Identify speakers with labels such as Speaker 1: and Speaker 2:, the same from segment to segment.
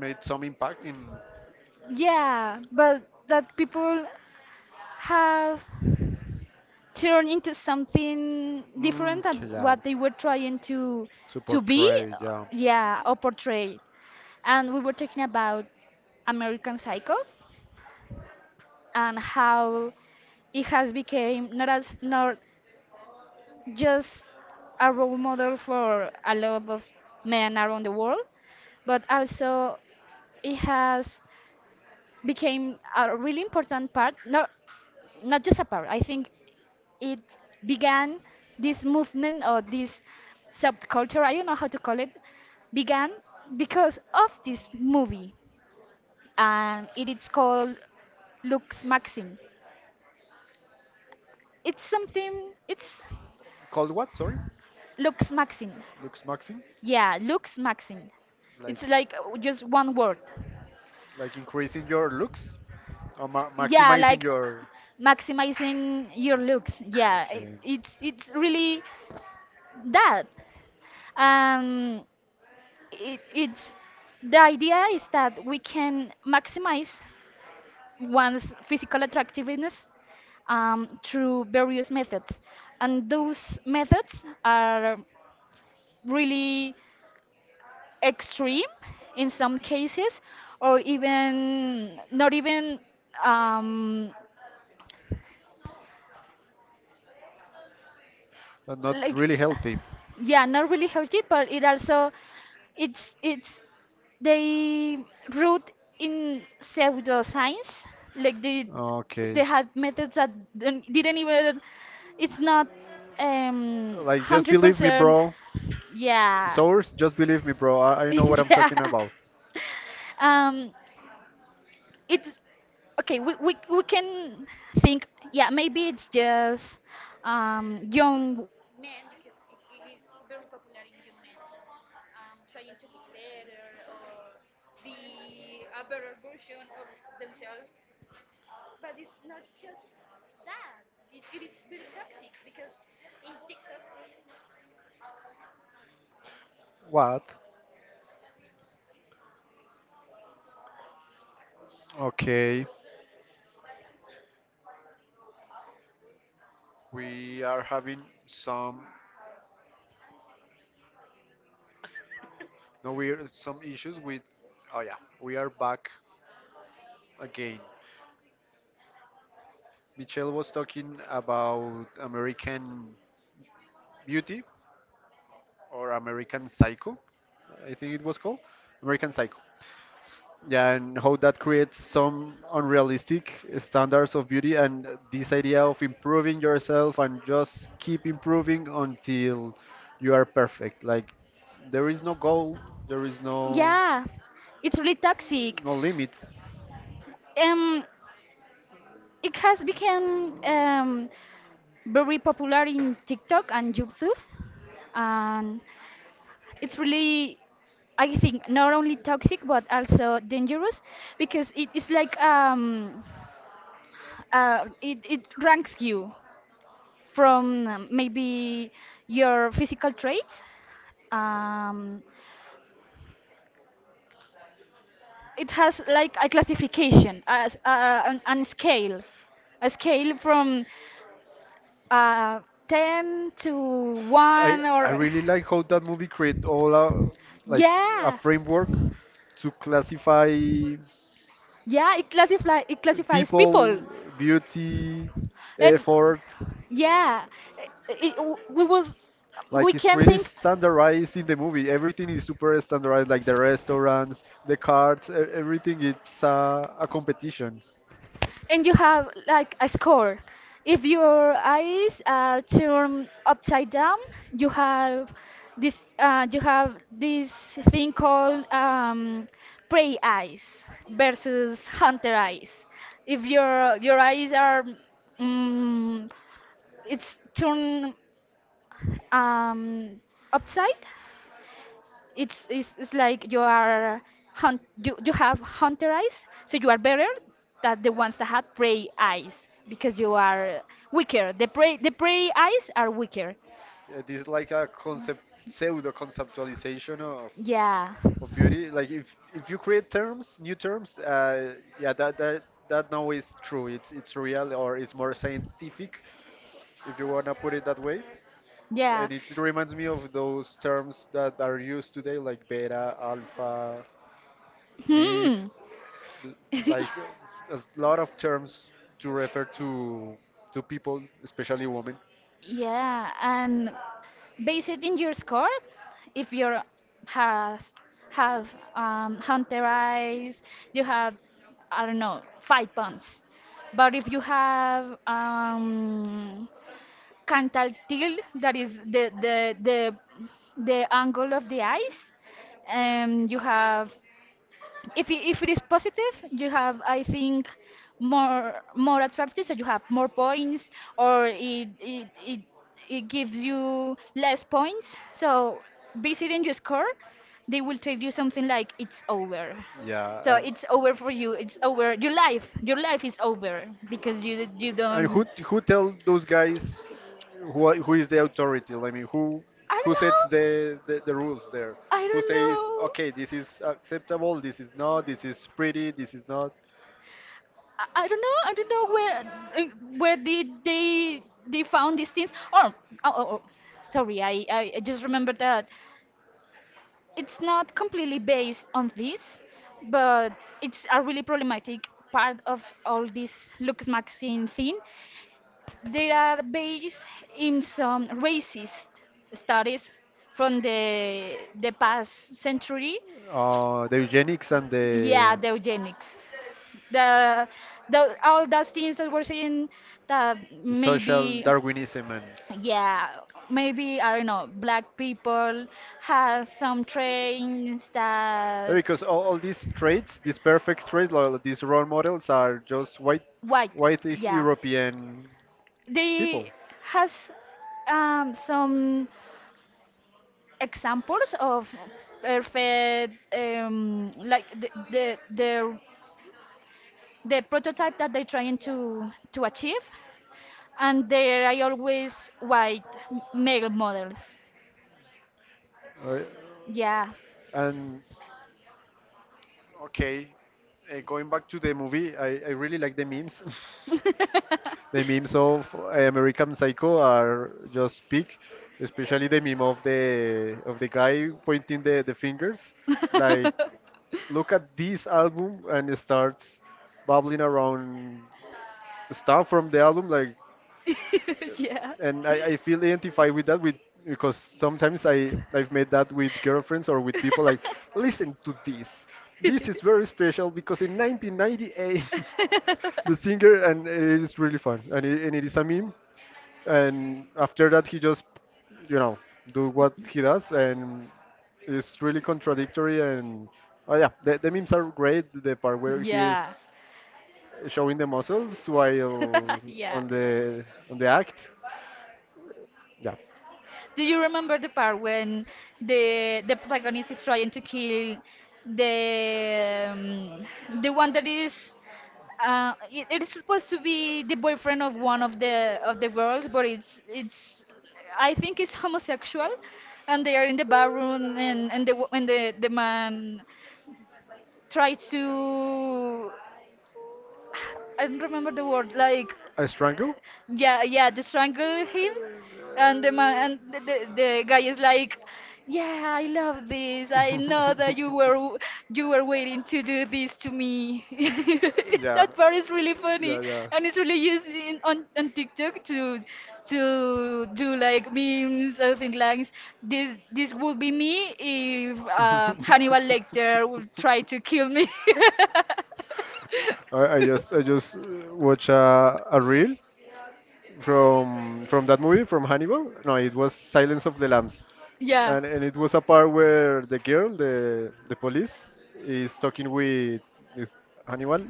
Speaker 1: Made some impact in, yeah, to portray, yeah. Called what? Sorry, looks maxing, like, like increasing your looks or ma maximizing your. Okay. But not really healthy. Okay. Like, just believe me, bro. Source, just believe me, bro. I know what I'm talking about. What? Okay. We are having some. No, we are some issues with. Oh yeah, we are back again. Michelle was talking about American Beauty or American Psycho, I think it was called. American Psycho. Yeah, and how that creates some unrealistic standards of beauty and this idea of improving yourself and just keep improving until you are perfect. Like there is no goal, there is no
Speaker 2: Yeah, it's really toxic.
Speaker 1: no limit.
Speaker 2: Um, it has become very popular in TikTok and YouTube, and it's really, I think, not only toxic but also dangerous because it is like it ranks you from maybe your physical traits. Um, it has like a classification, as an scale a scale from uh, 10 to
Speaker 1: I
Speaker 2: 1
Speaker 1: I
Speaker 2: or.
Speaker 1: really like how that movie create all a like a
Speaker 2: yeah.
Speaker 1: framework to classify
Speaker 2: Yeah, it classifies
Speaker 1: people,
Speaker 2: people,
Speaker 1: beauty,
Speaker 2: and
Speaker 1: effort.
Speaker 2: yeah, i i- we will we
Speaker 1: Like it's
Speaker 2: can
Speaker 1: really
Speaker 2: think,
Speaker 1: standardized in the movie. Everything is super standardized, like the restaurants, the cards, everything. It's a competition.
Speaker 2: and you have like a score. If your eyes are turned upside down, you have this thing called prey eyes versus hunter eyes. If your eyes are mm it's turned um, upside, it's like you have hunter eyes, so you are better than the ones that had prey eyes because you are weaker. The prey eyes are weaker.
Speaker 1: It is like a concept, pseudo conceptualization of.
Speaker 2: Yeah.
Speaker 1: of beauty. Like if you create terms, new terms, yeah, that now is true. It's real or it's more scientific, if you wanna put it that way.
Speaker 2: Yeah.
Speaker 1: And it reminds me of those terms that are used today, like beta, alpha, myth,
Speaker 2: Hmm.
Speaker 1: l- like a lot of terms to refer to people, especially women.
Speaker 2: Yeah, and based in your score, if you has have hunter eyes, you have, I don't know, 5 points. But if you have cantal tilt, that is the angle of the eyes. You have, if it is positive, you have, I think, more attractive, so you have more points, or it gives you less points. So visiting your score, they will tell you something like it's over. So
Speaker 1: Yeah,
Speaker 2: it's over for you. It's over. Your life
Speaker 1: and
Speaker 2: is over because you
Speaker 1: And who
Speaker 2: don't.
Speaker 1: who tell those guys who is the authority? Like, I mean, who
Speaker 2: I don't
Speaker 1: who sets the,
Speaker 2: know.
Speaker 1: the, the rules there?
Speaker 2: I
Speaker 1: Who
Speaker 2: don't
Speaker 1: says
Speaker 2: know.
Speaker 1: okay, this is acceptable, this is not, this is pretty, this is not?
Speaker 2: I don't know. I don't know where uh, did they found these things. Oh, oh, oh, oh, sorry. I just remembered that it's not completely based on this, but it's a really problematic part of all this Lucas Maxine thing. They are based in some racist studies from the past century.
Speaker 1: The eugenics and
Speaker 2: Yeah,
Speaker 1: the
Speaker 2: the eugenics, the the all those things that we're saying, that
Speaker 1: social
Speaker 2: maybe,
Speaker 1: Darwinism and
Speaker 2: yeah, maybe, I don't know, black people has some traits
Speaker 1: Yeah,
Speaker 2: that
Speaker 1: because all these traits, these perfect traits, like these role models are just white,
Speaker 2: white. Yeah,
Speaker 1: European people.
Speaker 2: they has some examples of perfect, like the prototype that they're trying to achieve, and there I always white male models.
Speaker 1: Uh,
Speaker 2: Yeah.
Speaker 1: and okay, going back to the movie, I really like the memes. The memes of American Psycho are just peak, especially the meme of the guy pointing the fingers, like look at this album and it starts babbling around stuff from the album like
Speaker 2: yeah.
Speaker 1: and I feel identified with that with because sometimes I've made that with girlfriends or with people like listen to this. This is very special because in 1998 the singer and it is really fun and it is a meme and after that he just you know do what he does and it's really contradictory and oh yeah, the memes are great, the part where he is
Speaker 2: Yeah.
Speaker 1: showing the muscles while
Speaker 2: yeah.
Speaker 1: on the act, yeah.
Speaker 2: Do you remember the part when the protagonist is trying to kill the um, the one that is, it is supposed to be the boyfriend of one of the girls, but it's I think it's homosexual, and they are in the bathroom, and the wo- and the man tries to, I don't remember the word, like.
Speaker 1: A strangle? Yeah.
Speaker 2: Yeah, yeah, they strangle him, and the man and the guy is like, "Yeah, I love this. I know that you were waiting to do this to me." That part is really funny,
Speaker 1: Yeah, yeah.
Speaker 2: and it's really used in, on TikTok, to do like memes or things like this. This would be me if Hannibal Lecter would try to kill me.
Speaker 1: I just watch a reel from that movie from Hannibal. No, it was Silence of the Lambs,
Speaker 2: Yeah.
Speaker 1: and it was a part where the girl, the police, is talking with Hannibal,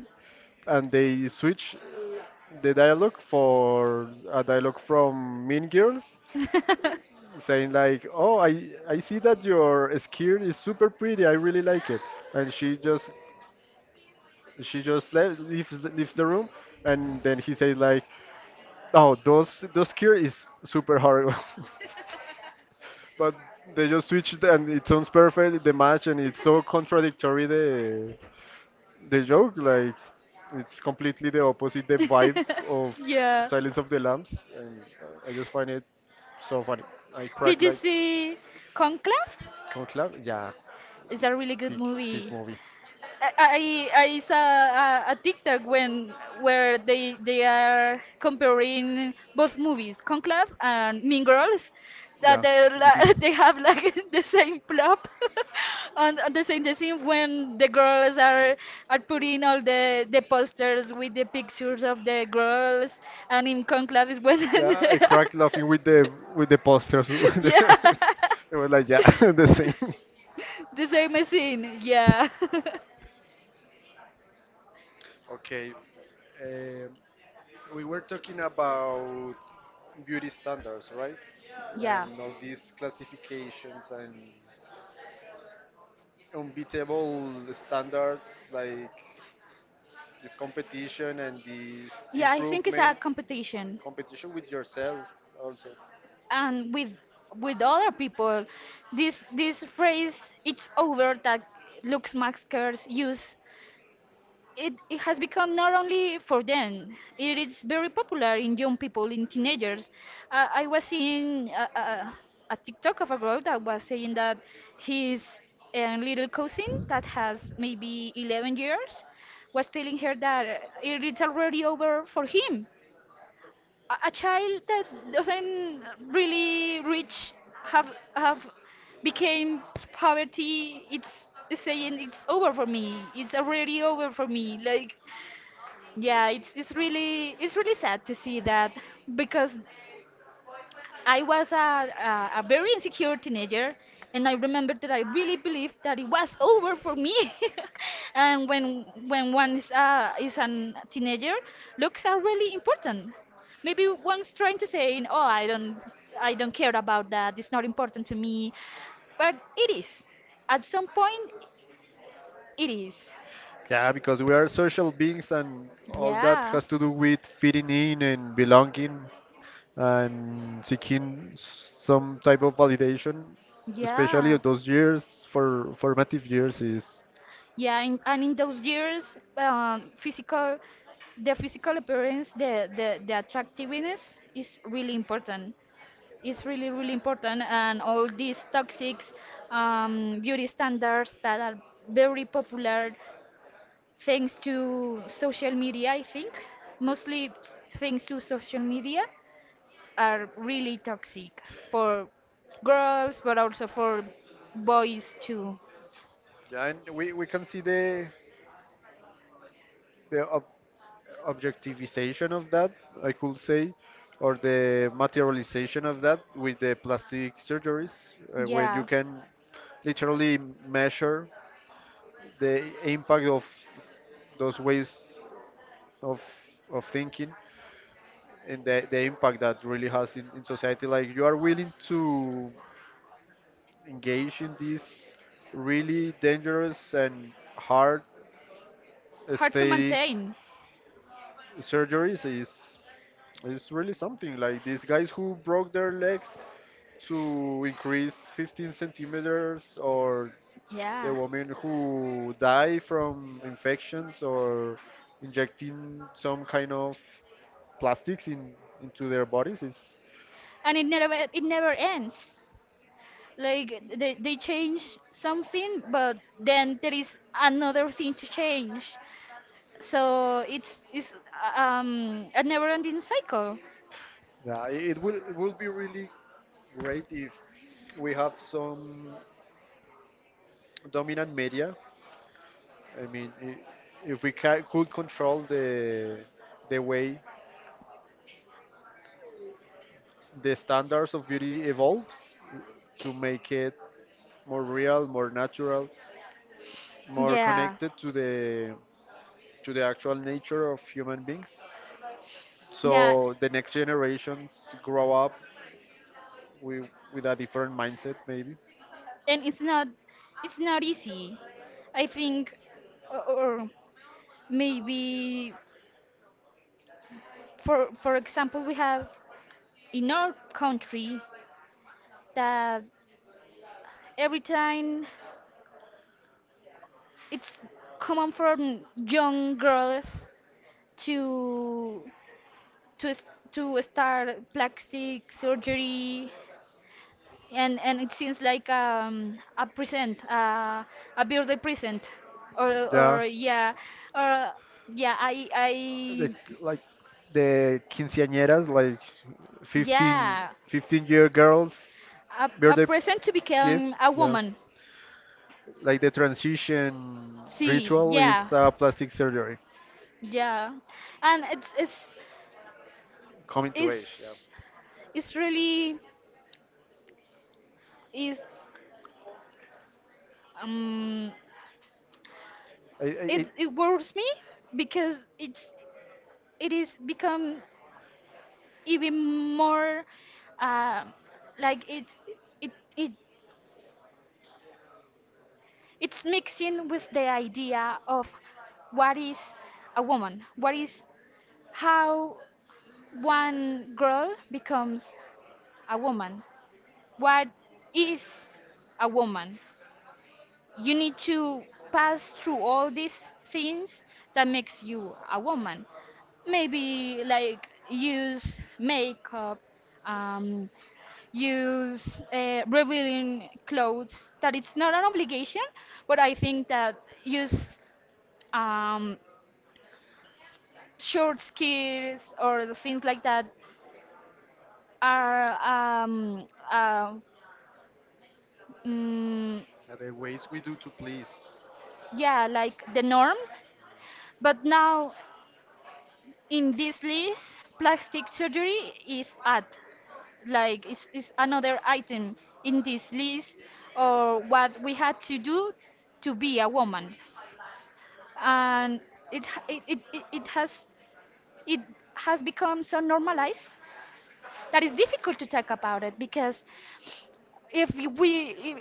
Speaker 1: and they switch the dialogue for a dialogue from Mean Girls, saying like, "Oh, I see that your skirt is super pretty. I really like it," and she just leaves the room, and then he says like. Oh, those cure is super horrible. But they just switched and it sounds perfect the match and it's so contradictory the joke like it's completely the opposite the vibe of
Speaker 2: Yeah.
Speaker 1: Silence of the Lambs and I just find it so funny. I
Speaker 2: Did
Speaker 1: crack
Speaker 2: you
Speaker 1: like
Speaker 2: see Conclave?
Speaker 1: Conclave, yeah,
Speaker 2: It's a really good
Speaker 1: big big
Speaker 2: movie.
Speaker 1: movie.
Speaker 2: I, I saw a TikTok when where they are comparing both movies, Conclave and Mean Girls, that
Speaker 1: Yeah, it is.
Speaker 2: they have like the same plot on the same the scene when the girls are putting all the posters with the pictures of the girls, and in Conclave is when
Speaker 1: Yeah, I
Speaker 2: the,
Speaker 1: cracked laughing with the posters.
Speaker 2: yeah.
Speaker 1: It was like yeah, the same.
Speaker 2: The same scene, yeah.
Speaker 1: Okay, um, we were talking about beauty standards, right?
Speaker 2: Yeah.
Speaker 1: And all these classifications and unbeatable standards like this competition and this
Speaker 2: Yeah, I think it's
Speaker 1: improvement
Speaker 2: a competition.
Speaker 1: competition with yourself also.
Speaker 2: And with other people, this phrase "it's over" that Lux Max use, it has become not only for them. It is very popular in young people, in teenagers. I was seeing a TikTok of a girl that was saying that his, little cousin, that has maybe 11 years, was telling her that, it is already over for him. A, child that doesn't really reach, have have became poverty. It's saying, "It's over for me. It's already over for me," like. Yeah, it's really sad to see that because I was a very insecure teenager, and I remember that I really believed that it was over for me. And when one is a teenager, looks are really important. Maybe one's trying to say, "Oh, I don't care about that. It's not important to me," but it is. At some point, it is.
Speaker 1: Yeah, because we are social beings and all that
Speaker 2: Yeah,
Speaker 1: has to do with fitting in and belonging and seeking some type of validation, especially
Speaker 2: yeah.
Speaker 1: of those years for formative years is
Speaker 2: Yeah, and in those years, the physical appearance, the attractiveness is really important. It's really, really important, and all these toxic, beauty standards that are very popular thanks to social media, I think, mostly thanks to social media, are really toxic for girls, but also for boys too.
Speaker 1: yeah, and we can see the ob objectivization of that, I could say, or the materialization of that with the plastic surgeries, when you
Speaker 2: Yeah,
Speaker 1: can literally measure the impact of those ways of of thinking and the impact that really has in society, like you are willing to engage in this really dangerous and hard
Speaker 2: hard to
Speaker 1: aesthetic
Speaker 2: maintain.
Speaker 1: surgeries is really something like these guys who broke their legs to increase 15 centimeters or the
Speaker 2: Yeah.
Speaker 1: women who die from infections or injecting some kind of plastics in into their bodies is
Speaker 2: And it never ends, like, they change something, but then there is another thing to change, so it's a never ending cycle.
Speaker 1: yeah, it will be really great if we have some dominant media. I mean, if we ca could control the way the standards of beauty evolves to make it more real, more natural, more
Speaker 2: Yeah.
Speaker 1: connected to the actual nature of human beings.
Speaker 2: Yeah.
Speaker 1: So the next generations grow up with, with a different mindset, maybe.
Speaker 2: And it's not easy, I think. Or maybe, for example, we have in our country that every time it's common for young girls to to s- to start plastic surgery. And it seems like a birthday present, or.
Speaker 1: Yeah.
Speaker 2: Or yeah. Or yeah. I
Speaker 1: The, like the quinceañeras, like fifteen
Speaker 2: Yeah.
Speaker 1: 15 year girls,
Speaker 2: A
Speaker 1: birthday
Speaker 2: present to
Speaker 1: gift.
Speaker 2: become a
Speaker 1: Yeah.
Speaker 2: woman.
Speaker 1: Like the transition
Speaker 2: See,
Speaker 1: ritual
Speaker 2: yeah.
Speaker 1: is plastic surgery,
Speaker 2: Yeah. And it's
Speaker 1: coming to age. Yeah.
Speaker 2: it's. It's really is um
Speaker 1: I, I,
Speaker 2: it
Speaker 1: it,
Speaker 2: it worries me because it is become, even more, uh, like, it it it's mixing with the idea of what is a woman, what is how one girl becomes a woman, what is a woman. You need to pass through all these things that makes you a woman, maybe like use makeup, um, use, revealing clothes, that it's not an obligation, but I think that use, um, short skirts or the things like that, are, um, uh, mm,
Speaker 1: Yeah, the ways we do to please.
Speaker 2: yeah, like the norm. But now, in this list, plastic surgery is at, like, it's another item in this list or what we had to do to be a woman. And it h- it it has become so normalized that it's difficult to talk about it, because if we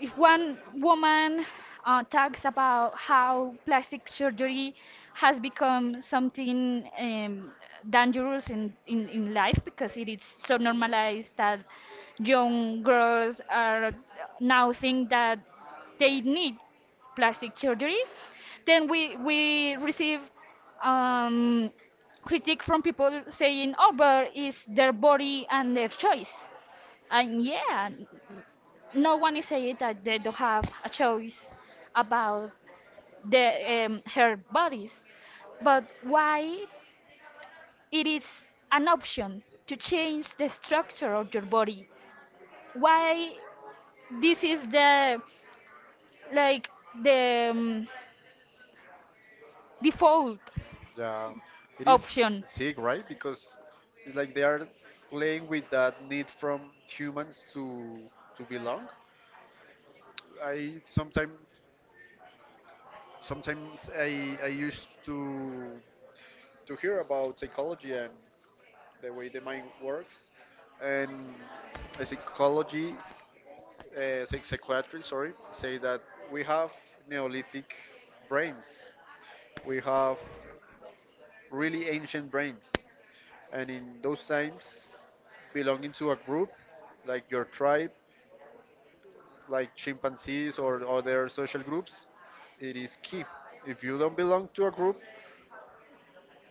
Speaker 2: if one woman, talks about how plastic surgery has become something, dangerous in life, because it is so normalized that young girls are now think that they need plastic surgery, then we receive, um, critique from people saying, "Oh, but it's their body and their choice." And yeah, no one is saying that they don't have a choice about the her bodies. But why it is an option to change the structure of your body? Why this is the like the, default
Speaker 1: Yeah, it is
Speaker 2: option?
Speaker 1: sick, right? Because it's like they are playing with that need from humans to belong. I sometimes I used to hear about psychology and the way the mind works, and a psychology psychiatrists, sorry, say that we have Neolithic brains. We have really ancient brains, and in those times, belonging to a group like your tribe, like chimpanzees or other social groups, it is key. If you don't belong to a group,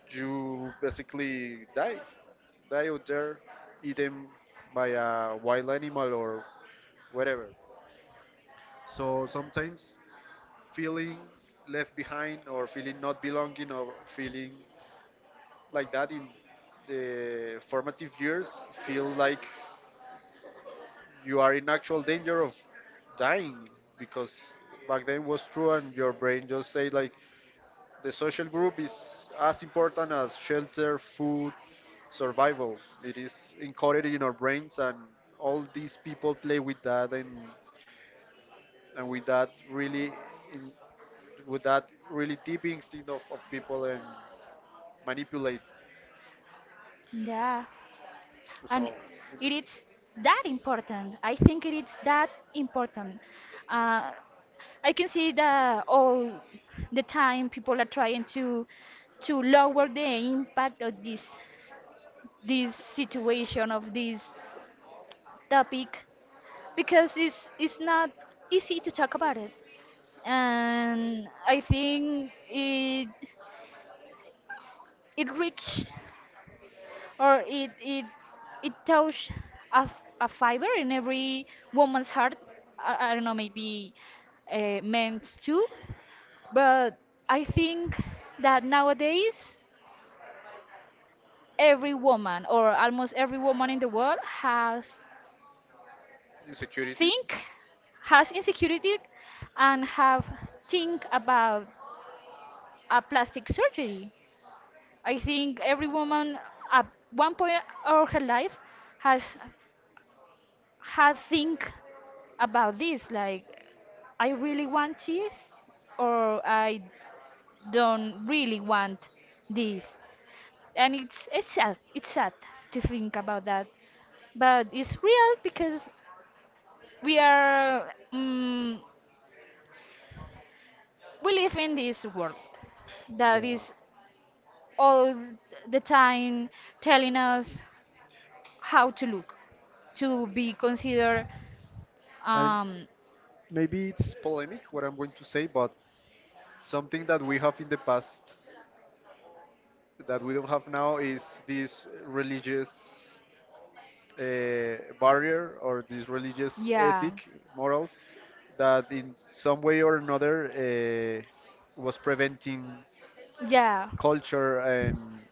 Speaker 1: you basically die, die out there, eaten by a wild animal or whatever. So sometimes feeling left behind or feeling not belonging or feeling like that in the formative years feel like you are in actual danger of dying, because back then was true and your brain just say like the social group is as important as shelter, food, survival. It is encoded in our brains, and all these people play with that, and in, with that really deep instinct of people and manipulate
Speaker 2: Yeah, and
Speaker 1: so
Speaker 2: it is that important. I think it is that important. Uh, I can see that all the time people are trying to lower the impact of this situation, of this topic, because it's not easy to talk about it, and I think it reached, or it touched a fiber in every woman's heart. I don't know, maybe, meant too, but I think that nowadays every woman or almost every woman in the world has
Speaker 1: insecurity.
Speaker 2: think, has insecurity, and have think about a plastic surgery. I think every woman at one point of her life has had think about this, like, "I really want this," or, "I don't really want this." And it's sad to think about that, but it's real because we are mm we live in this world that
Speaker 1: Yeah,
Speaker 2: is all the time telling us how to look, to be considered,
Speaker 1: and
Speaker 2: um,
Speaker 1: maybe it's polemic what I'm going to say, but something that we have in the past that we don't have now is this religious barrier or this religious
Speaker 2: Yeah,
Speaker 1: ethic, morals, that in some way or another was preventing
Speaker 2: yeah,
Speaker 1: culture and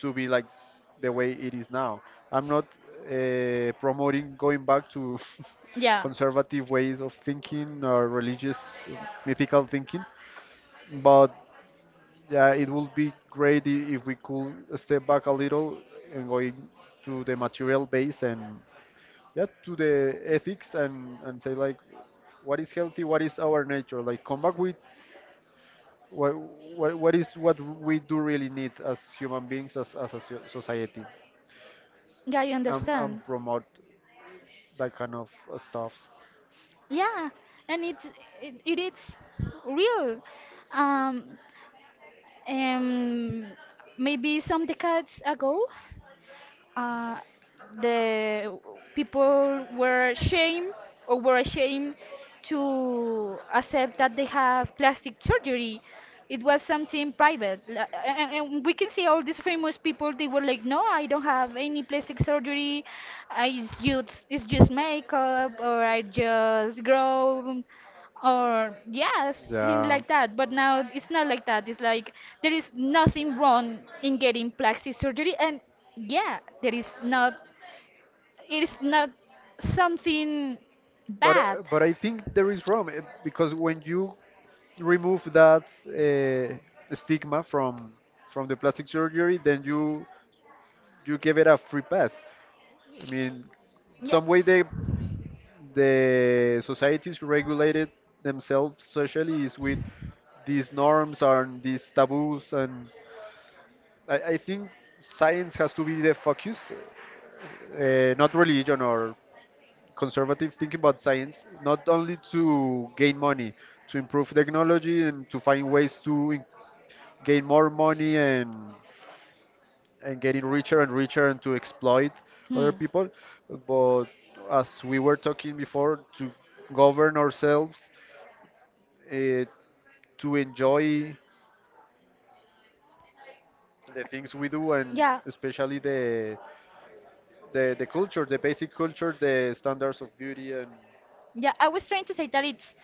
Speaker 1: to be like the way it is now. I'm not promoting going back to
Speaker 2: yeah,
Speaker 1: conservative ways of thinking or religious uh, mythical thinking. But yeah, it would be great if we could step back a little and going to the material base and yeah, to the ethics and say like, what is healthy, what is our nature, like come back with what what we do really need as human beings, as a society,
Speaker 2: yeah. You
Speaker 1: and
Speaker 2: understand?
Speaker 1: promote that kind of stuff.
Speaker 2: Yeah, and it is real. Um, um, maybe some decades ago. uh, the people were ashamed, or were ashamed to accept that they have plastic surgery. It was something private. And we can see all these famous people. They were like, "No, I don't have any plastic surgery. I It's just makeup, or I just grow," or yes, things
Speaker 1: Yeah.
Speaker 2: like that. But now it's not like that. It's like there is nothing wrong in getting plastic surgery, and yeah, there is not it is not something
Speaker 1: But
Speaker 2: bad.
Speaker 1: I think there is room because when you remove that stigma from the plastic surgery, then you give it a free pass. I mean,
Speaker 2: Yeah.
Speaker 1: some way the societies regulated themselves socially is with these norms and these taboos, and I think science has to be the focus, not religion or conservative thinking about science, not only to gain money, to improve technology and to find ways to gain more money and getting richer and richer and to exploit
Speaker 2: Hmm.
Speaker 1: other people, but as we were talking before, to govern ourselves, uh, to enjoy the things we do, and
Speaker 2: Yeah,
Speaker 1: especially the the culture, the basic culture, the standards of beauty and
Speaker 2: yeah. I was trying to say that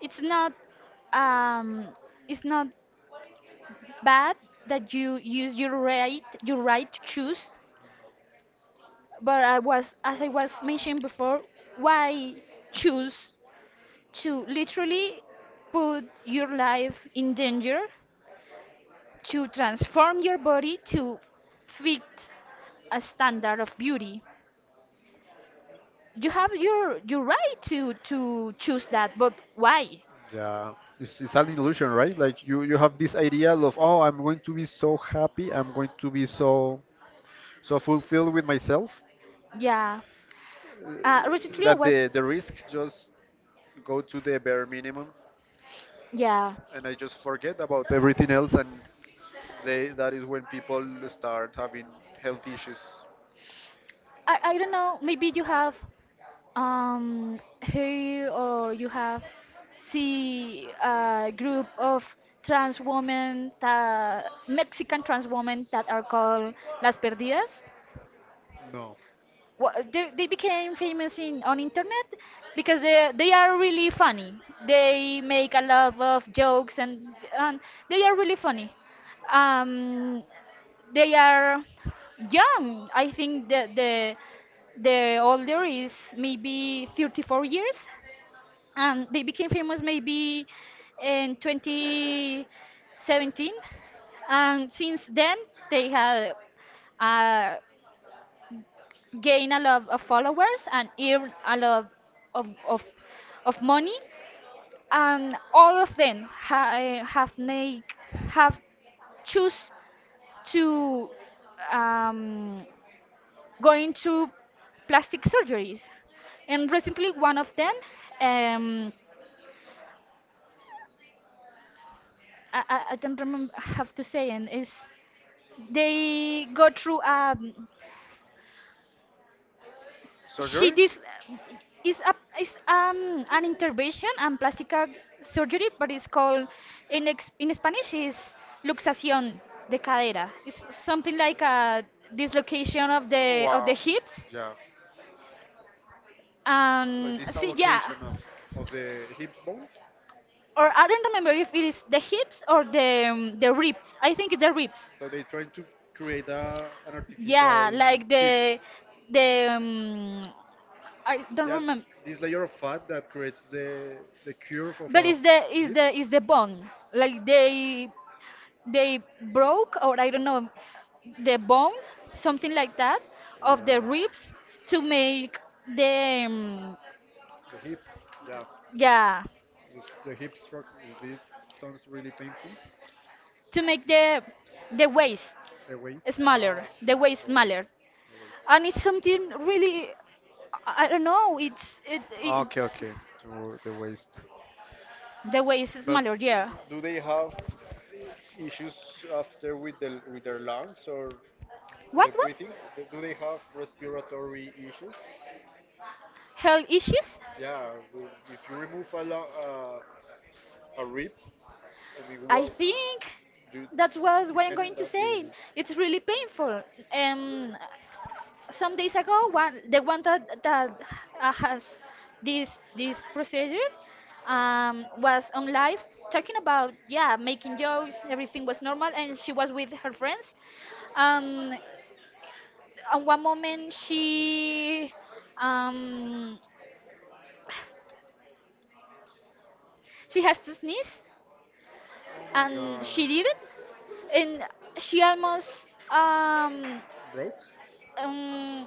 Speaker 2: it's not um it's not bad that you use your right to choose. But I was as I was mentioned before, why choose to literally put your life in danger, to transform your body, to fit a standard of beauty? You have your right to choose that, but why?
Speaker 1: yeah, it's an illusion, right? Like you have this idea of oh, I'm going to be so happy, I'm going to be so fulfilled with myself,
Speaker 2: Yeah.
Speaker 1: uh,
Speaker 2: Recently I
Speaker 1: that
Speaker 2: was.
Speaker 1: the risks just go to the bare minimum
Speaker 2: Yeah.
Speaker 1: and I just forget about everything else, and they that is when people start having health issues.
Speaker 2: I don't know, maybe you have, here, or you have see a group of trans women, that, Mexican trans women that are called Las Perdidas.
Speaker 1: No.
Speaker 2: They became famous in on internet because they are really funny. They make a lot of jokes and they are really funny. Um, they are young. I think the older is maybe 34 years, and they became famous maybe in 2017, and since then they have uh, gained a lot of followers and earned a lot of, of, of money. And all of them have make, have choose to um, go into plastic surgeries. And recently one of them, um, I don't remember, have to say, and is they go through she, this
Speaker 1: Surgery?
Speaker 2: is a, is an intervention and plastic surgery, but it's called in in Spanish is luxación de cadera. It's something like a dislocation of the hips.
Speaker 1: Yeah.
Speaker 2: See,
Speaker 1: of,
Speaker 2: yeah,
Speaker 1: of the hip bones.
Speaker 2: or I don't remember if it is the hips or the ribs. I think it's the ribs.
Speaker 1: So they try to create a, an Yeah,
Speaker 2: Yeah, like
Speaker 1: hip.
Speaker 2: the the um, I
Speaker 1: The
Speaker 2: don't
Speaker 1: Yeah,
Speaker 2: remember.
Speaker 1: this layer of fat that creates the curve.
Speaker 2: But is the is the bond, like they broke, or I don't know, the bone, something like that, of
Speaker 1: Yeah,
Speaker 2: the ribs, to make the
Speaker 1: the hip. Yeah,
Speaker 2: yeah,
Speaker 1: the hip stroke. It sounds really painful.
Speaker 2: to make the waist
Speaker 1: The waist. Uh,
Speaker 2: smaller,
Speaker 1: yeah,
Speaker 2: the
Speaker 1: the waist.
Speaker 2: waist
Speaker 1: The
Speaker 2: smaller.
Speaker 1: waist.
Speaker 2: And it's something really, I don't know, it's
Speaker 1: Okay,
Speaker 2: it's
Speaker 1: okay. To the waist. The.
Speaker 2: the waist
Speaker 1: But
Speaker 2: smaller, yeah.
Speaker 1: do they have issues after with the with their lungs or with the
Speaker 2: What
Speaker 1: breathing? Do do they have respiratory issues?
Speaker 2: health issues?
Speaker 1: Yeah, if you remove a rib, I mean,
Speaker 2: I
Speaker 1: well,
Speaker 2: think
Speaker 1: you
Speaker 2: that was
Speaker 1: you
Speaker 2: what I'm
Speaker 1: can
Speaker 2: going
Speaker 1: end
Speaker 2: to
Speaker 1: up with
Speaker 2: say. It's really painful. Um, some days ago, one, the one that has this procedure, was on live talking about, yeah, making jokes. Everything was normal, and she was with her friends. Um, at one moment, she, um, she has to sneeze,
Speaker 1: oh my
Speaker 2: and
Speaker 1: god,
Speaker 2: she did it, and she almost um
Speaker 1: broke
Speaker 2: Um,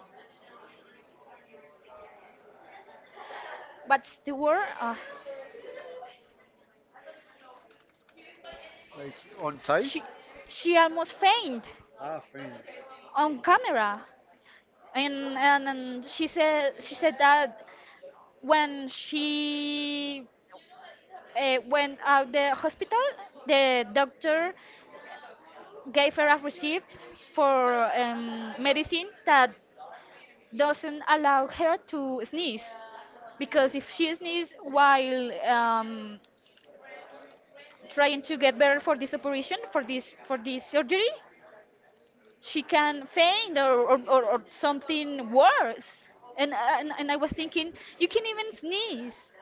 Speaker 2: what's the word?
Speaker 1: like on tight.
Speaker 2: She she almost faint
Speaker 1: Ah, friend.
Speaker 2: on camera, and she said, she said that when she went out the hospital, the doctor gave her a receipt for medicine that doesn't allow her to sneeze, because
Speaker 1: Okay.
Speaker 2: if she sneezes while trying to get better for this operation, for this, for this surgery, she can faint, or something worse. And I was thinking, you can even sneeze.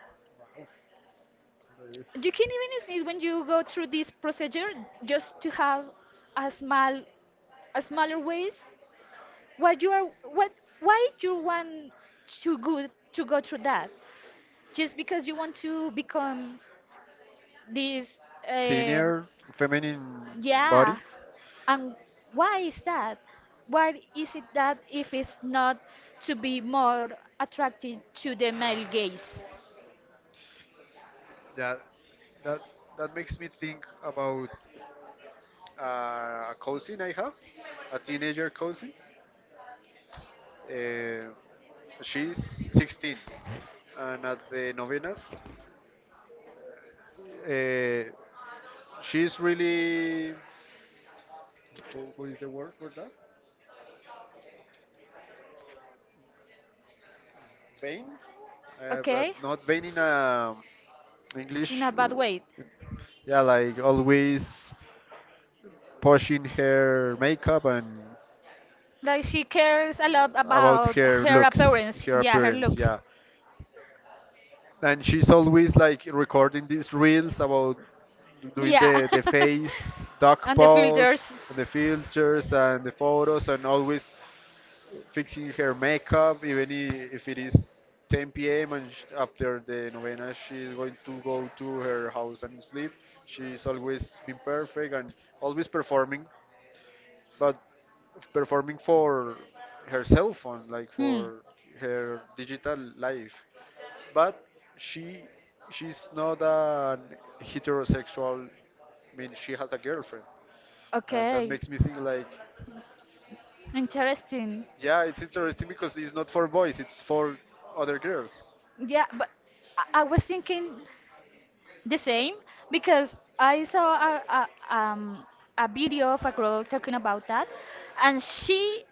Speaker 2: You
Speaker 1: Yes.
Speaker 2: can even sneeze when you go through this procedure just to have a small, a smaller waist. What you are, what, why you want to go, to go through that? Just because you want to become this, uh,
Speaker 1: Thinner, feminine
Speaker 2: yeah.
Speaker 1: body.
Speaker 2: And why is that? Why is it, that if it's not to be more attracted to the male gaze?
Speaker 1: Yeah, that that makes me think about a cousin I have, a teenager cousin. Uh, she's 16, and at the novenas, uh, she's really what is the word for that? Vain, but
Speaker 2: Okay?
Speaker 1: not vain in
Speaker 2: In a
Speaker 1: English.
Speaker 2: bad way.
Speaker 1: Yeah, like always pushing her makeup and
Speaker 2: Like she cares a lot
Speaker 1: about
Speaker 2: about
Speaker 1: her
Speaker 2: her
Speaker 1: looks,
Speaker 2: appearance.
Speaker 1: her
Speaker 2: Yeah, her
Speaker 1: appearance.
Speaker 2: looks.
Speaker 1: Yeah, and she's always like recording these reels about doing
Speaker 2: Yeah.
Speaker 1: the face duck
Speaker 2: and the
Speaker 1: pose
Speaker 2: filters.
Speaker 1: and the filters and the photos and always fixing her makeup even if it is 10 p.m. and after the novena she's going to go to her house and sleep. She's always been perfect and always performing, but performing for herself on, like,
Speaker 2: Hmm.
Speaker 1: for her digital life. But she she's not an heterosexual. I mean, she has a girlfriend, and that Okay.
Speaker 2: Okay.
Speaker 1: makes me think like,
Speaker 2: Interesting.
Speaker 1: yeah, it's interesting because it's not for boys, it's for other girls.
Speaker 2: Yeah, but I was thinking the same, because I saw a, a um a video of a girl talking about that, and she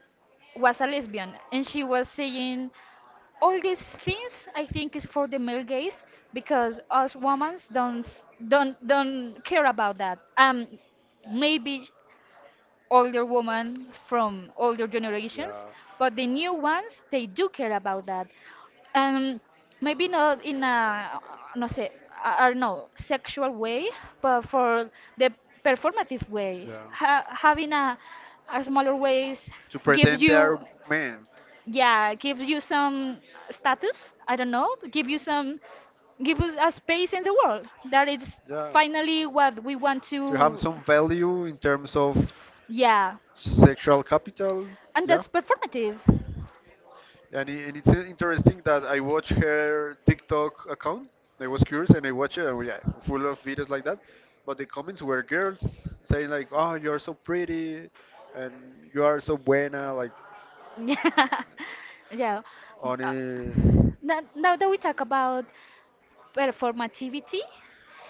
Speaker 2: was a lesbian, and she was saying all these things I think is for the male gaze, because us women don't don't care about that. Maybe older women from older generations,
Speaker 1: Yeah.
Speaker 2: but the new ones they do care about that. Um, Maybe not in a no sé, I don't know, sexual way, but for the performative way,
Speaker 1: Yeah.
Speaker 2: ha having a smaller waist
Speaker 1: To
Speaker 2: gives
Speaker 1: pretend they are
Speaker 2: you,
Speaker 1: men.
Speaker 2: yeah, give you some status, I don't know, give you some, give us a space in the world that is
Speaker 1: Yeah.
Speaker 2: finally what we want
Speaker 1: To have
Speaker 2: to,
Speaker 1: some value in terms of
Speaker 2: yeah.
Speaker 1: sexual capital.
Speaker 2: And
Speaker 1: Yeah.
Speaker 2: that's performative.
Speaker 1: And it's interesting that I watched her TikTok account. I was curious and I watched it, and yeah, full of videos like that. But the comments were girls saying like, "Oh, you're so pretty, and you are so buena." Like,
Speaker 2: Yeah, yeah.
Speaker 1: on
Speaker 2: Uh,
Speaker 1: it.
Speaker 2: Now, now that we talk about performativity,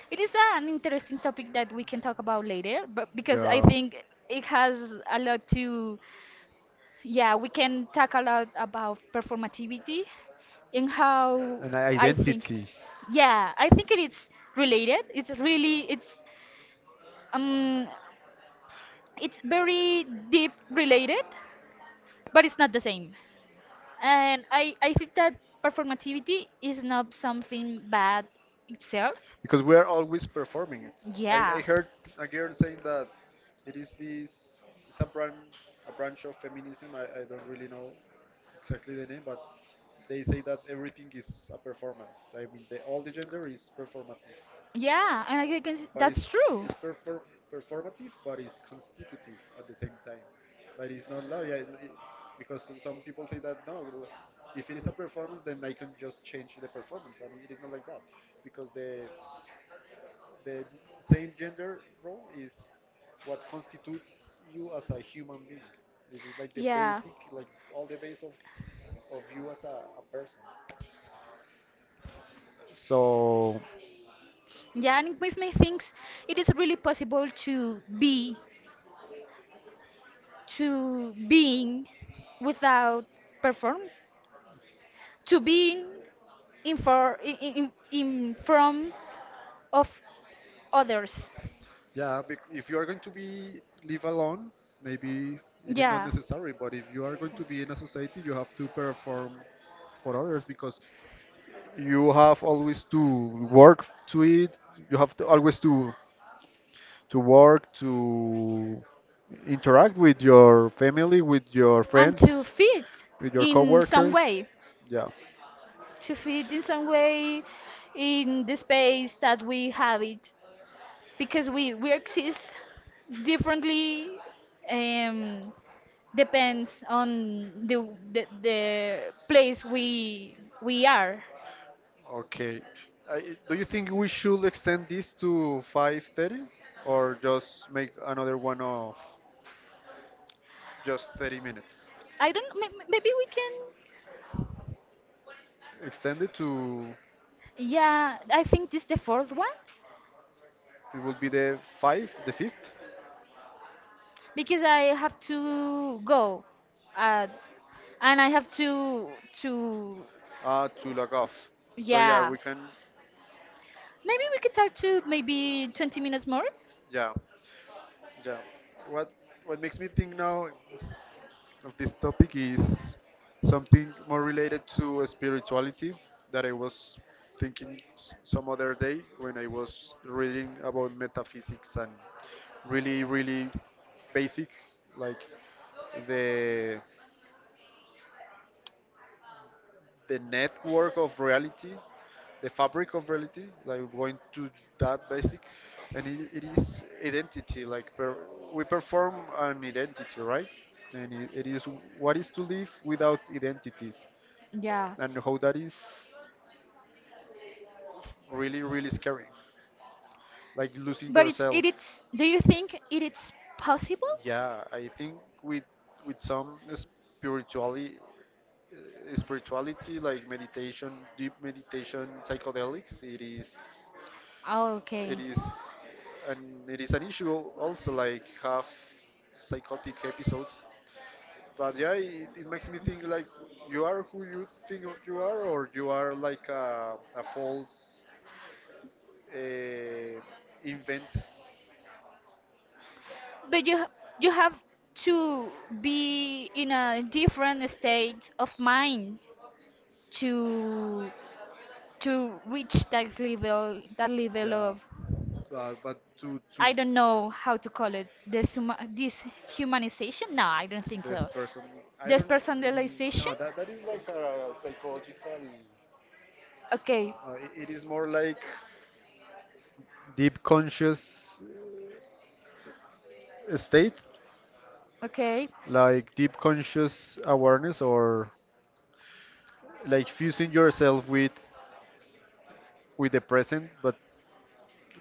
Speaker 2: it is an interesting topic that we can talk about later, but because I
Speaker 1: Yeah.
Speaker 2: think it has a lot to. Yeah, we can talk a lot about performativity and how,
Speaker 1: An
Speaker 2: I think.
Speaker 1: identity.
Speaker 2: Yeah, I think it is related. It's really it's um it's very deep related, but it's not the same. And I think that performativity is not something bad itself.
Speaker 1: Because we are always performing. I
Speaker 2: Yeah.
Speaker 1: heard a girl saying that it is this it's a branch of
Speaker 2: A,
Speaker 1: feminism. I don't really know exactly the name, but they say that everything is a performance. I mean, all the gender is performative,
Speaker 2: yeah, and I can,
Speaker 1: but
Speaker 2: that's true.
Speaker 1: it's perfor- performative, but it's constitutive at the same time. That is not lie, because some people say that no, well, if it is a performance, then I can just change the performance, and it is not like that, because the same gender role is what constitutes you as a human being. It is like the
Speaker 2: Yeah,
Speaker 1: basic, like all the base of you as a person. So,
Speaker 2: yeah, and it makes me think, it is really possible to be, to being without perform, to being in, for in, in from of others.
Speaker 1: yeah, if you are going to be live alone, maybe it is not
Speaker 2: Yeah,
Speaker 1: necessary. But if you are going to be in a society, you have to perform for others because you have always to work to it. You have to always to work, to interact with your family, with your
Speaker 2: and
Speaker 1: friends,
Speaker 2: to fit
Speaker 1: with your
Speaker 2: in some
Speaker 1: coworkers.
Speaker 2: way,
Speaker 1: Yeah.
Speaker 2: to fit in some way in the space that we have it, because we exist differently. Um, Depends on the, the place we are.
Speaker 1: Okay. Do you think we should extend this to 5:30 or just make another one of just 30 minutes?
Speaker 2: I don't, maybe we can.
Speaker 1: Extend it to
Speaker 2: Yeah, I think this is the fourth one,
Speaker 1: it will be the 5th, the 5th
Speaker 2: because I have to go. At, and I have to,
Speaker 1: to log off. So yeah,
Speaker 2: yeah.
Speaker 1: we can
Speaker 2: Maybe we could talk to maybe 20 minutes more.
Speaker 1: yeah. Yeah. What makes me think now of this topic is something more related to spirituality that I was thinking some other day when I was reading about metaphysics and really, really basic, like the the network of reality, the fabric of reality, like going to that basic, and it is identity. Like per, we perform an identity, right? And it is what is to live without identities.
Speaker 2: Yeah.
Speaker 1: And how that is really, really scary, like losing
Speaker 2: But it's,
Speaker 1: yourself.
Speaker 2: it's do you think it is possible?
Speaker 1: Yeah, I think with some spirituality like meditation, deep meditation, psychedelics, it is it
Speaker 2: Okay.
Speaker 1: is and it is an issue, also, like have psychotic episodes. But yeah, it makes me think like you are who you think you are, or you are like a false uh, invent.
Speaker 2: But you you have to be in a different state of mind to to reach that level, that level
Speaker 1: Yeah,
Speaker 2: of,
Speaker 1: but but to
Speaker 2: I don't know how to call it, this humanization. No, I don't think
Speaker 1: this
Speaker 2: so.
Speaker 1: person, I
Speaker 2: This
Speaker 1: don't. No,
Speaker 2: personalization.
Speaker 1: that is like a psychological.
Speaker 2: Okay.
Speaker 1: It is more like deep conscious state,
Speaker 2: Okay.
Speaker 1: like deep conscious awareness, or like fusing yourself with the present, but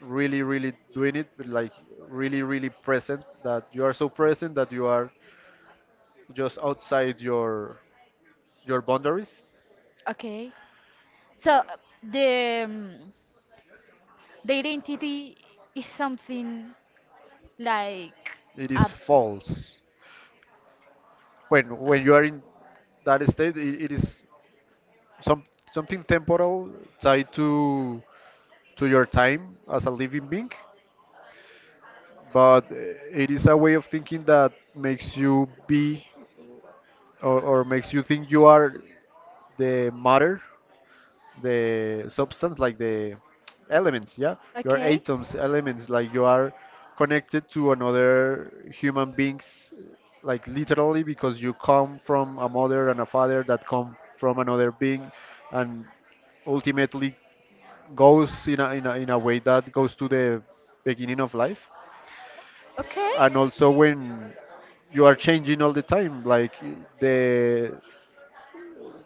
Speaker 1: really, really doing it, but like really, really present, that you are so present that you are just outside your boundaries.
Speaker 2: Okay. So the um, the identity is something like
Speaker 1: It is
Speaker 2: a,
Speaker 1: false. When you are in that state, it is some something temporal tied to your time as a living being. But it is a way of thinking that makes you be, or makes you think you are the matter, the substance, like the elements, yeah, your
Speaker 2: okay.
Speaker 1: atoms, elements, like you are connected to another human beings, like literally, because you come from a mother and a father that come from another being, and ultimately goes in a way that goes to the beginning of life.
Speaker 2: Okay.
Speaker 1: And also when you are changing all the time, like the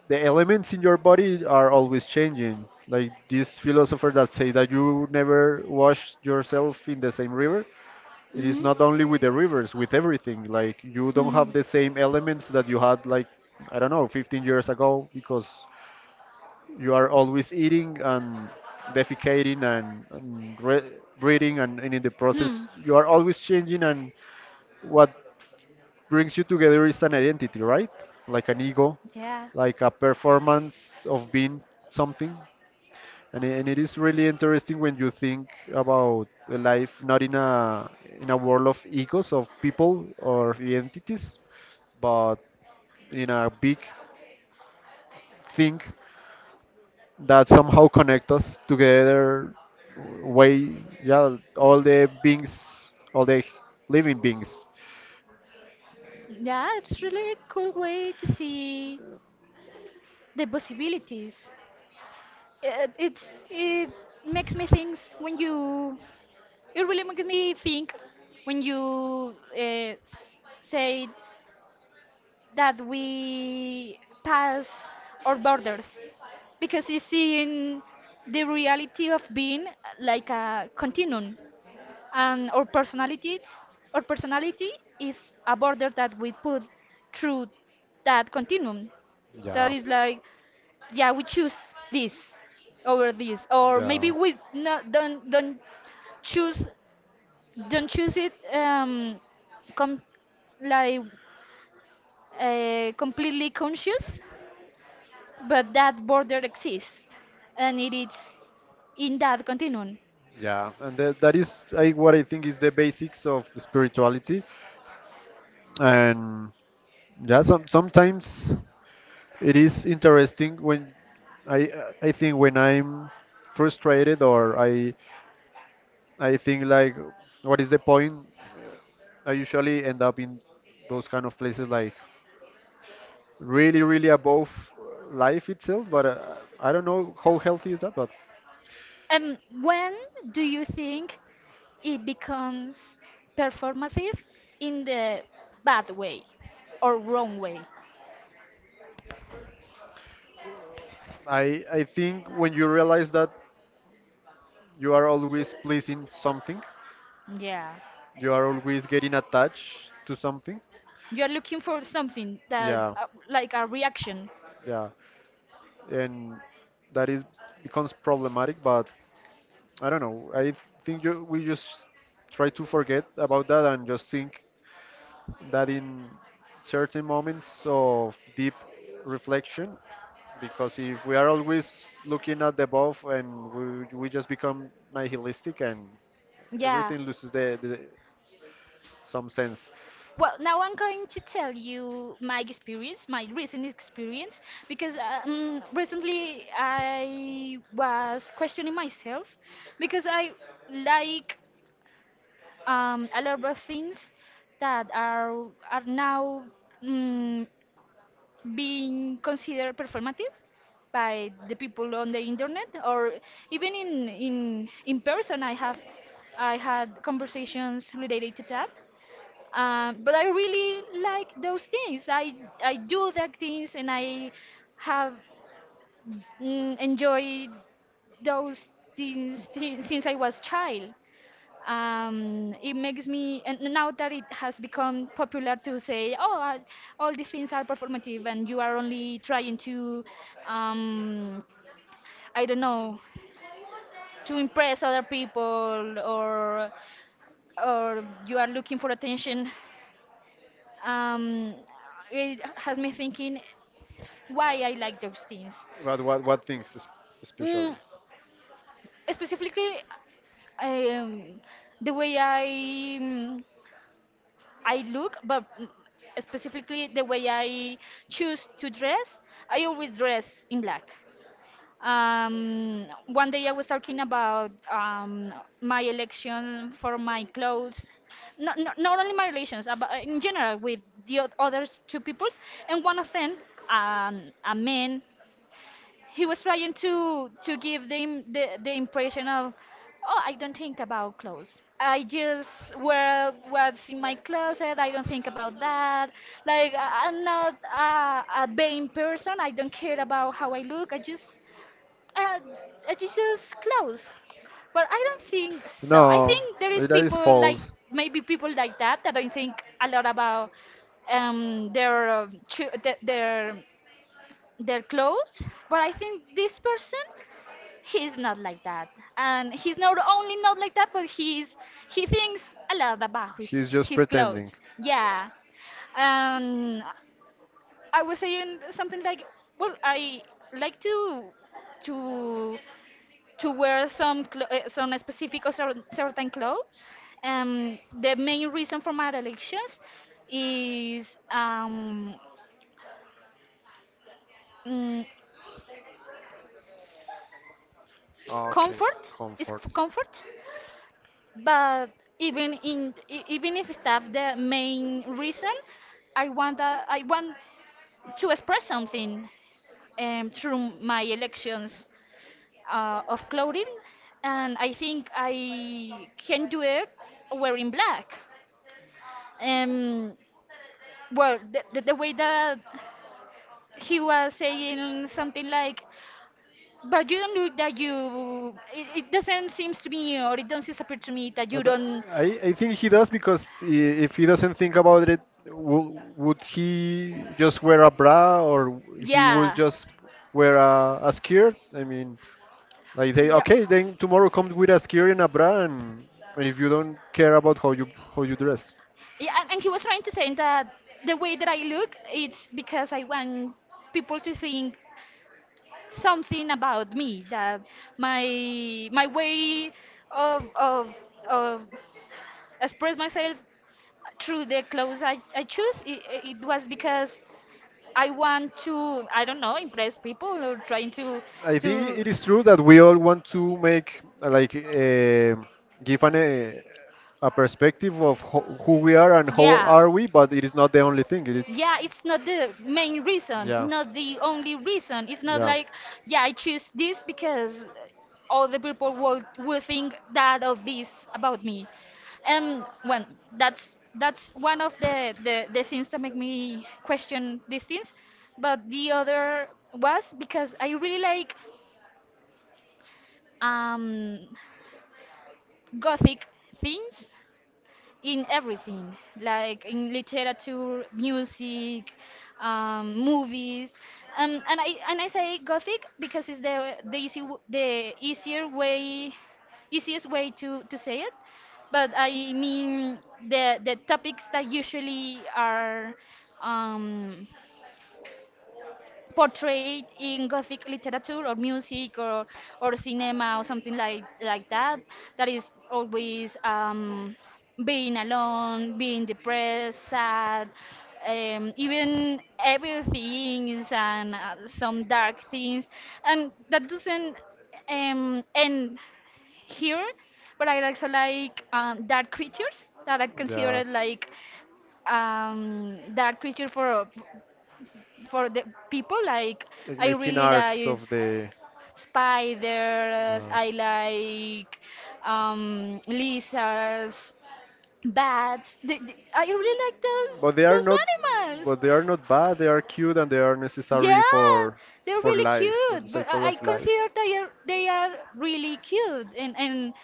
Speaker 1: the elements in your body are always changing. Like this philosopher that say that you never wash yourself in the same river. It is
Speaker 2: Mhm.
Speaker 1: not only with the rivers, with everything. Like you don't
Speaker 2: Hmm.
Speaker 1: have the same elements that you had like I don't know, 15 years ago, because you are always eating and defecating and breathing and in the process
Speaker 2: Hmm.
Speaker 1: you are always changing. And what brings you together is an identity, right? Like an ego,
Speaker 2: Yeah.
Speaker 1: like a performance of being something. And it is really interesting when you think about a life not in a in a world of egos of people or identities, but in a big thing that somehow connect us together way, yeah, all the beings, all the living beings.
Speaker 2: Yeah, it's really a cool way to see the possibilities. It makes me think when you, it really makes me think when you say that we pass our borders, because it's seeing the reality of being like a continuum, and our personalities, our personality is a border that we put through that continuum, that
Speaker 1: Yeah.
Speaker 2: is like, yeah we choose this over this, or maybe
Speaker 1: Yeah,
Speaker 2: we not, don't choose, don't choose it, com- like completely conscious, but that border exists, and it is in that continuum.
Speaker 1: Yeah, and that is what I think is the basics of spirituality. And yeah, sometimes it is interesting when I I think when I'm frustrated or I think like what is the point? I usually end up in those kind of places, like really, really above life itself. But I don't know how healthy is that. But
Speaker 2: When do you think it becomes performative in the bad way or wrong way?
Speaker 1: I think when you realize that you are always pleasing something,
Speaker 2: Yeah.
Speaker 1: you are always getting attached to something.
Speaker 2: You're looking for something that,
Speaker 1: Yeah,
Speaker 2: like a reaction.
Speaker 1: yeah, and that is becomes problematic. But I don't know. I think we just try to forget about that and just think. That in certain moments of deep reflection, because if we are always looking at the above, and we just become nihilistic, and
Speaker 2: Yeah.
Speaker 1: everything loses the some sense.
Speaker 2: Well, now I'm going to tell you my experience, my recent experience, because recently I was questioning myself because I like a lot of things that are now, mm, being considered performative by the people on the internet, or even in, in person. I have, I had conversations related to that. But I really like those things. I do that things, and I have, enjoyed those things, since I was child. It makes me, and now that it has become popular to say, oh, all these things are performative and you are only trying to, um, I don't know, to impress other people, or you are looking for attention. um, it has me thinking why I like those things.
Speaker 1: But what things,
Speaker 2: mm,
Speaker 1: especially?
Speaker 2: Specifically, um, the way I, mm, I look, but, specifically the way I choose to dress, I always dress in black. One day I was talking about my election for my clothes, not, not, not only my relations, but in general with the others two peoples, and one of them, a man, he was trying to give the the impression of, oh I don't think about clothes, I just wear what's in my closet, I don't think about that, like I- I'm not a, a vain person, I don't care about how I look, I just, uh, I just use clothes. But I don't think so. I think there is people like, maybe people like that, that don't think a lot about, their, their, their clothes. But I think this person, he's not like that. And he's not only not like that, but he's, he thinks a lot about his clothes, yeah. um I was saying something like, well I like to to wear some some specific, or certain clothes. The main reason for my elections is mm,
Speaker 1: Comfort.
Speaker 2: comfort, is
Speaker 1: Comfort.
Speaker 2: comfort. But even in even if it's not the main reason, I want, that I want to express something through my elections of clothing. And I think I can do it wearing black. um, well, the way that he was saying something like, but you don't look that you, it doesn't seem to me, or it doesn't appear to me that you
Speaker 1: Do.
Speaker 2: don't.
Speaker 1: I think he does because if he doesn't think about it, w would he just wear a bra or
Speaker 2: Yeah,
Speaker 1: wear a skirt? I mean, like they
Speaker 2: yeah.
Speaker 1: okay, then tomorrow come with a skirt and a bra, and if you don't care about how you dress,
Speaker 2: Yeah, and he was trying to say that the way that I look, it's because I want people to think something about me, that my way of of of express myself through the clothes I choose, it was because I want to, I don't know, impress people, or trying to
Speaker 1: I think
Speaker 2: to
Speaker 1: it is true that we all want to make like give an a perspective of ho who we are and how
Speaker 2: yeah,
Speaker 1: are we, but it is not the only thing. It's
Speaker 2: yeah. It's not the main reason,
Speaker 1: yeah,
Speaker 2: not the only reason, it's not
Speaker 1: yeah,
Speaker 2: like, yeah I choose this because all the people will think that of, this about me, and well, that's one of the, the things that make me question these things. But the other was because I really like um gothic things in everything, like in literature, music, movies. And I say gothic because it's the easy the easier way, easiest way to say it. But I mean the topics that usually are um, portrayed in Gothic literature, or music, or cinema, or something like that, that is always being alone, being depressed, sad, even evil things, and some dark things. And that doesn't end here, but I also like dark creatures that I consider like, dark creature for the people like,
Speaker 1: like
Speaker 2: I
Speaker 1: making
Speaker 2: really
Speaker 1: arts
Speaker 2: like
Speaker 1: of the.
Speaker 2: spiders,
Speaker 1: Uh,
Speaker 2: I like lizards, bats, I really like those
Speaker 1: but they are
Speaker 2: those
Speaker 1: not.
Speaker 2: animals.
Speaker 1: But they are not bad. They are cute and they are necessary
Speaker 2: Yeah,
Speaker 1: for
Speaker 2: they're really
Speaker 1: life, for
Speaker 2: cute,
Speaker 1: the
Speaker 2: but
Speaker 1: cycle
Speaker 2: I
Speaker 1: of life.
Speaker 2: consider they are, they are really cute, and,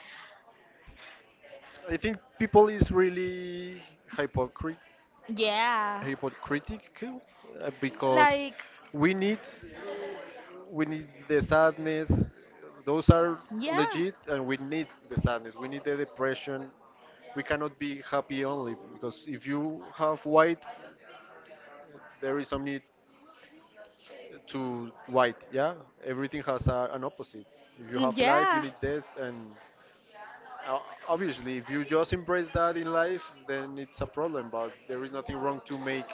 Speaker 1: I think people is really hypocrite
Speaker 2: yeah,
Speaker 1: hypocritical, because
Speaker 2: like,
Speaker 1: we need we need the sadness. Those are
Speaker 2: yeah,
Speaker 1: legit, and we need the sadness. We need the depression. We cannot be happy only, because if you have white, there is some need to white. Yeah, everything has an opposite. If you have life, you
Speaker 2: yeah.
Speaker 1: need death, and obviously, if you just embrace that in life, then it's a problem. But there is nothing wrong to make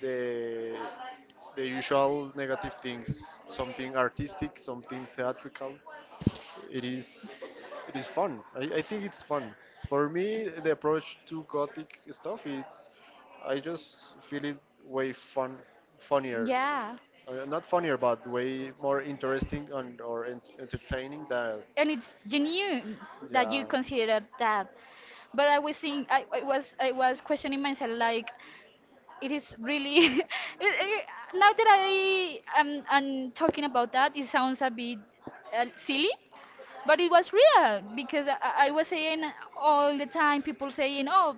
Speaker 1: the the usual negative things something artistic, something theatrical. It is fun. I think it's fun. For me, the approach to gothic stuff, it's I just feel it way fun funnier.
Speaker 2: Yeah,
Speaker 1: Not funnier, but way more interesting and or entertaining than
Speaker 2: and it's genuine that you
Speaker 1: yeah.
Speaker 2: consider that. But I was think, I was, I was questioning myself like, it is really it-, now that I am, I'm talking about that, it sounds a bit silly, but it was real, because I was saying all the time, people saying oh,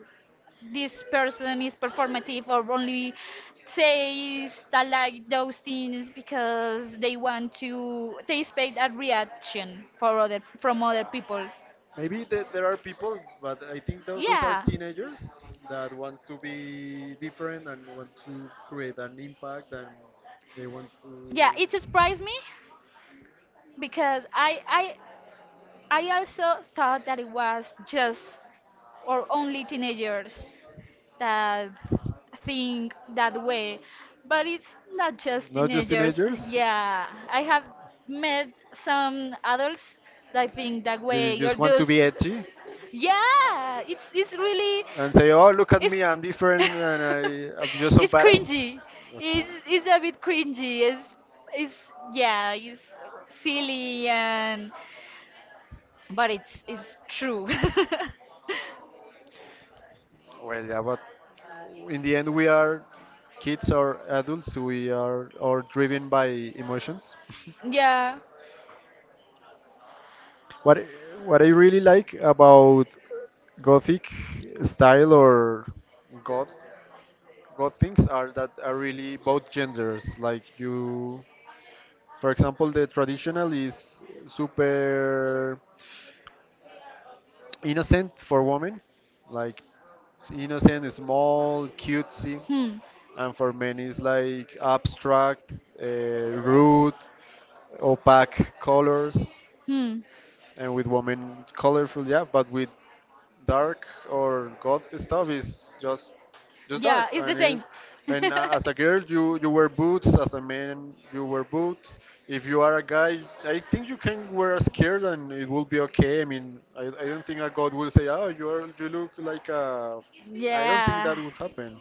Speaker 2: this person is performative, or only says that, like those things, because they want to, they expect a reaction for other, from other people.
Speaker 1: Maybe there are people, but I think those are
Speaker 2: Yeah,
Speaker 1: teenagers that wants to be different and want to create an impact and they want to.
Speaker 2: yeah, it surprised me because I also thought that it was just, or only teenagers that think that way. But it's not just
Speaker 1: Not just
Speaker 2: teenagers.
Speaker 1: teenagers?
Speaker 2: Yeah, I have met some adults that think that
Speaker 1: They
Speaker 2: way, or
Speaker 1: just want to
Speaker 2: those.
Speaker 1: be edgy
Speaker 2: Yeah, it's really,
Speaker 1: and say, "Oh, look at
Speaker 2: it's
Speaker 1: me, I'm different, and I'm just so
Speaker 2: it's
Speaker 1: badass."
Speaker 2: cringy.
Speaker 1: Okay.
Speaker 2: It's a bit cringy. It's yeah, it's silly, and but it's true.
Speaker 1: Well, yeah, but in the end, we are kids or adults. We are all driven by emotions.
Speaker 2: Yeah.
Speaker 1: What I really like about Gothic style or goth God things are that are really both genders. Like you, for example, the traditional is super innocent for women, like innocent, small, cutesy,
Speaker 2: Hmm.
Speaker 1: and for men is like abstract, rude, opaque colors,
Speaker 2: Hmm.
Speaker 1: and with women colorful, yeah, but with dark or goth stuff is just dark
Speaker 2: Yeah, it's the
Speaker 1: and it,
Speaker 2: same.
Speaker 1: and as a girl you you wear boots, as a man you wear boots. If you are a guy I think you can wear a skirt and it will be okay. I mean I don't think a god will say oh you are you look like a I don't think
Speaker 2: Yeah,
Speaker 1: that would happen.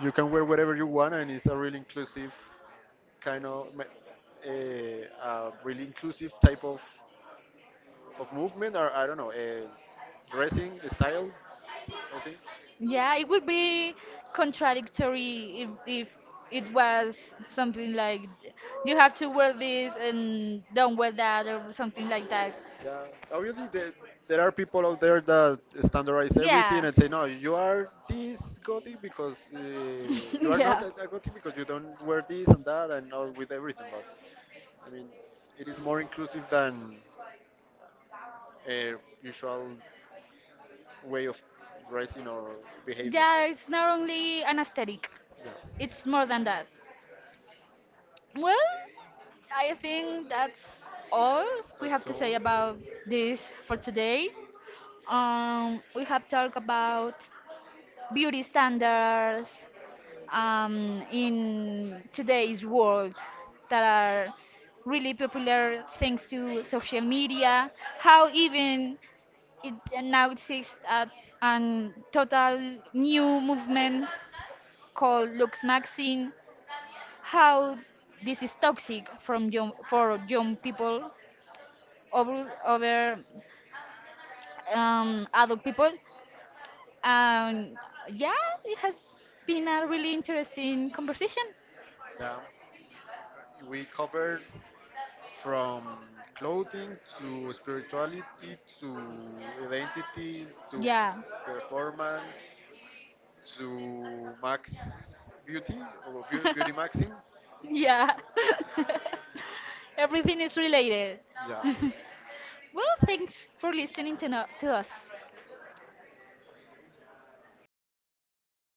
Speaker 1: You can wear whatever you want and it's a really inclusive kind of a really inclusive type of movement, or I don't know, a dressing style I think,
Speaker 2: yeah, it would be contradictory, if it was something like you have to wear this and don't wear that, or something like that.
Speaker 1: yeah. Obviously, there are people out there that standardize everything
Speaker 2: Yeah.
Speaker 1: and say, no, you are this gothic because you are not
Speaker 2: Yeah.
Speaker 1: a gothic because you don't wear this and that and all with everything. But I mean, it is more inclusive than a usual way of dressing or behaving.
Speaker 2: Yeah, it's not only an aesthetic,
Speaker 1: Yeah,
Speaker 2: it's more than that. Well, I think that's all we have
Speaker 1: that's
Speaker 2: to
Speaker 1: all.
Speaker 2: say about this for today. We have talked about beauty standards in today's world that are really popular thanks to social media, how even it now exists at a total new movement called Lux Maxine, how this is toxic from young, for young people, over over adult people, and yeah, it has been a really interesting conversation.
Speaker 1: Yeah, we covered from clothing to spirituality to identities to
Speaker 2: Yeah,
Speaker 1: performance to max beauty or beauty maxing.
Speaker 2: yeah. Everything is related.
Speaker 1: Yeah.
Speaker 2: Well, thanks for listening to, no- to us.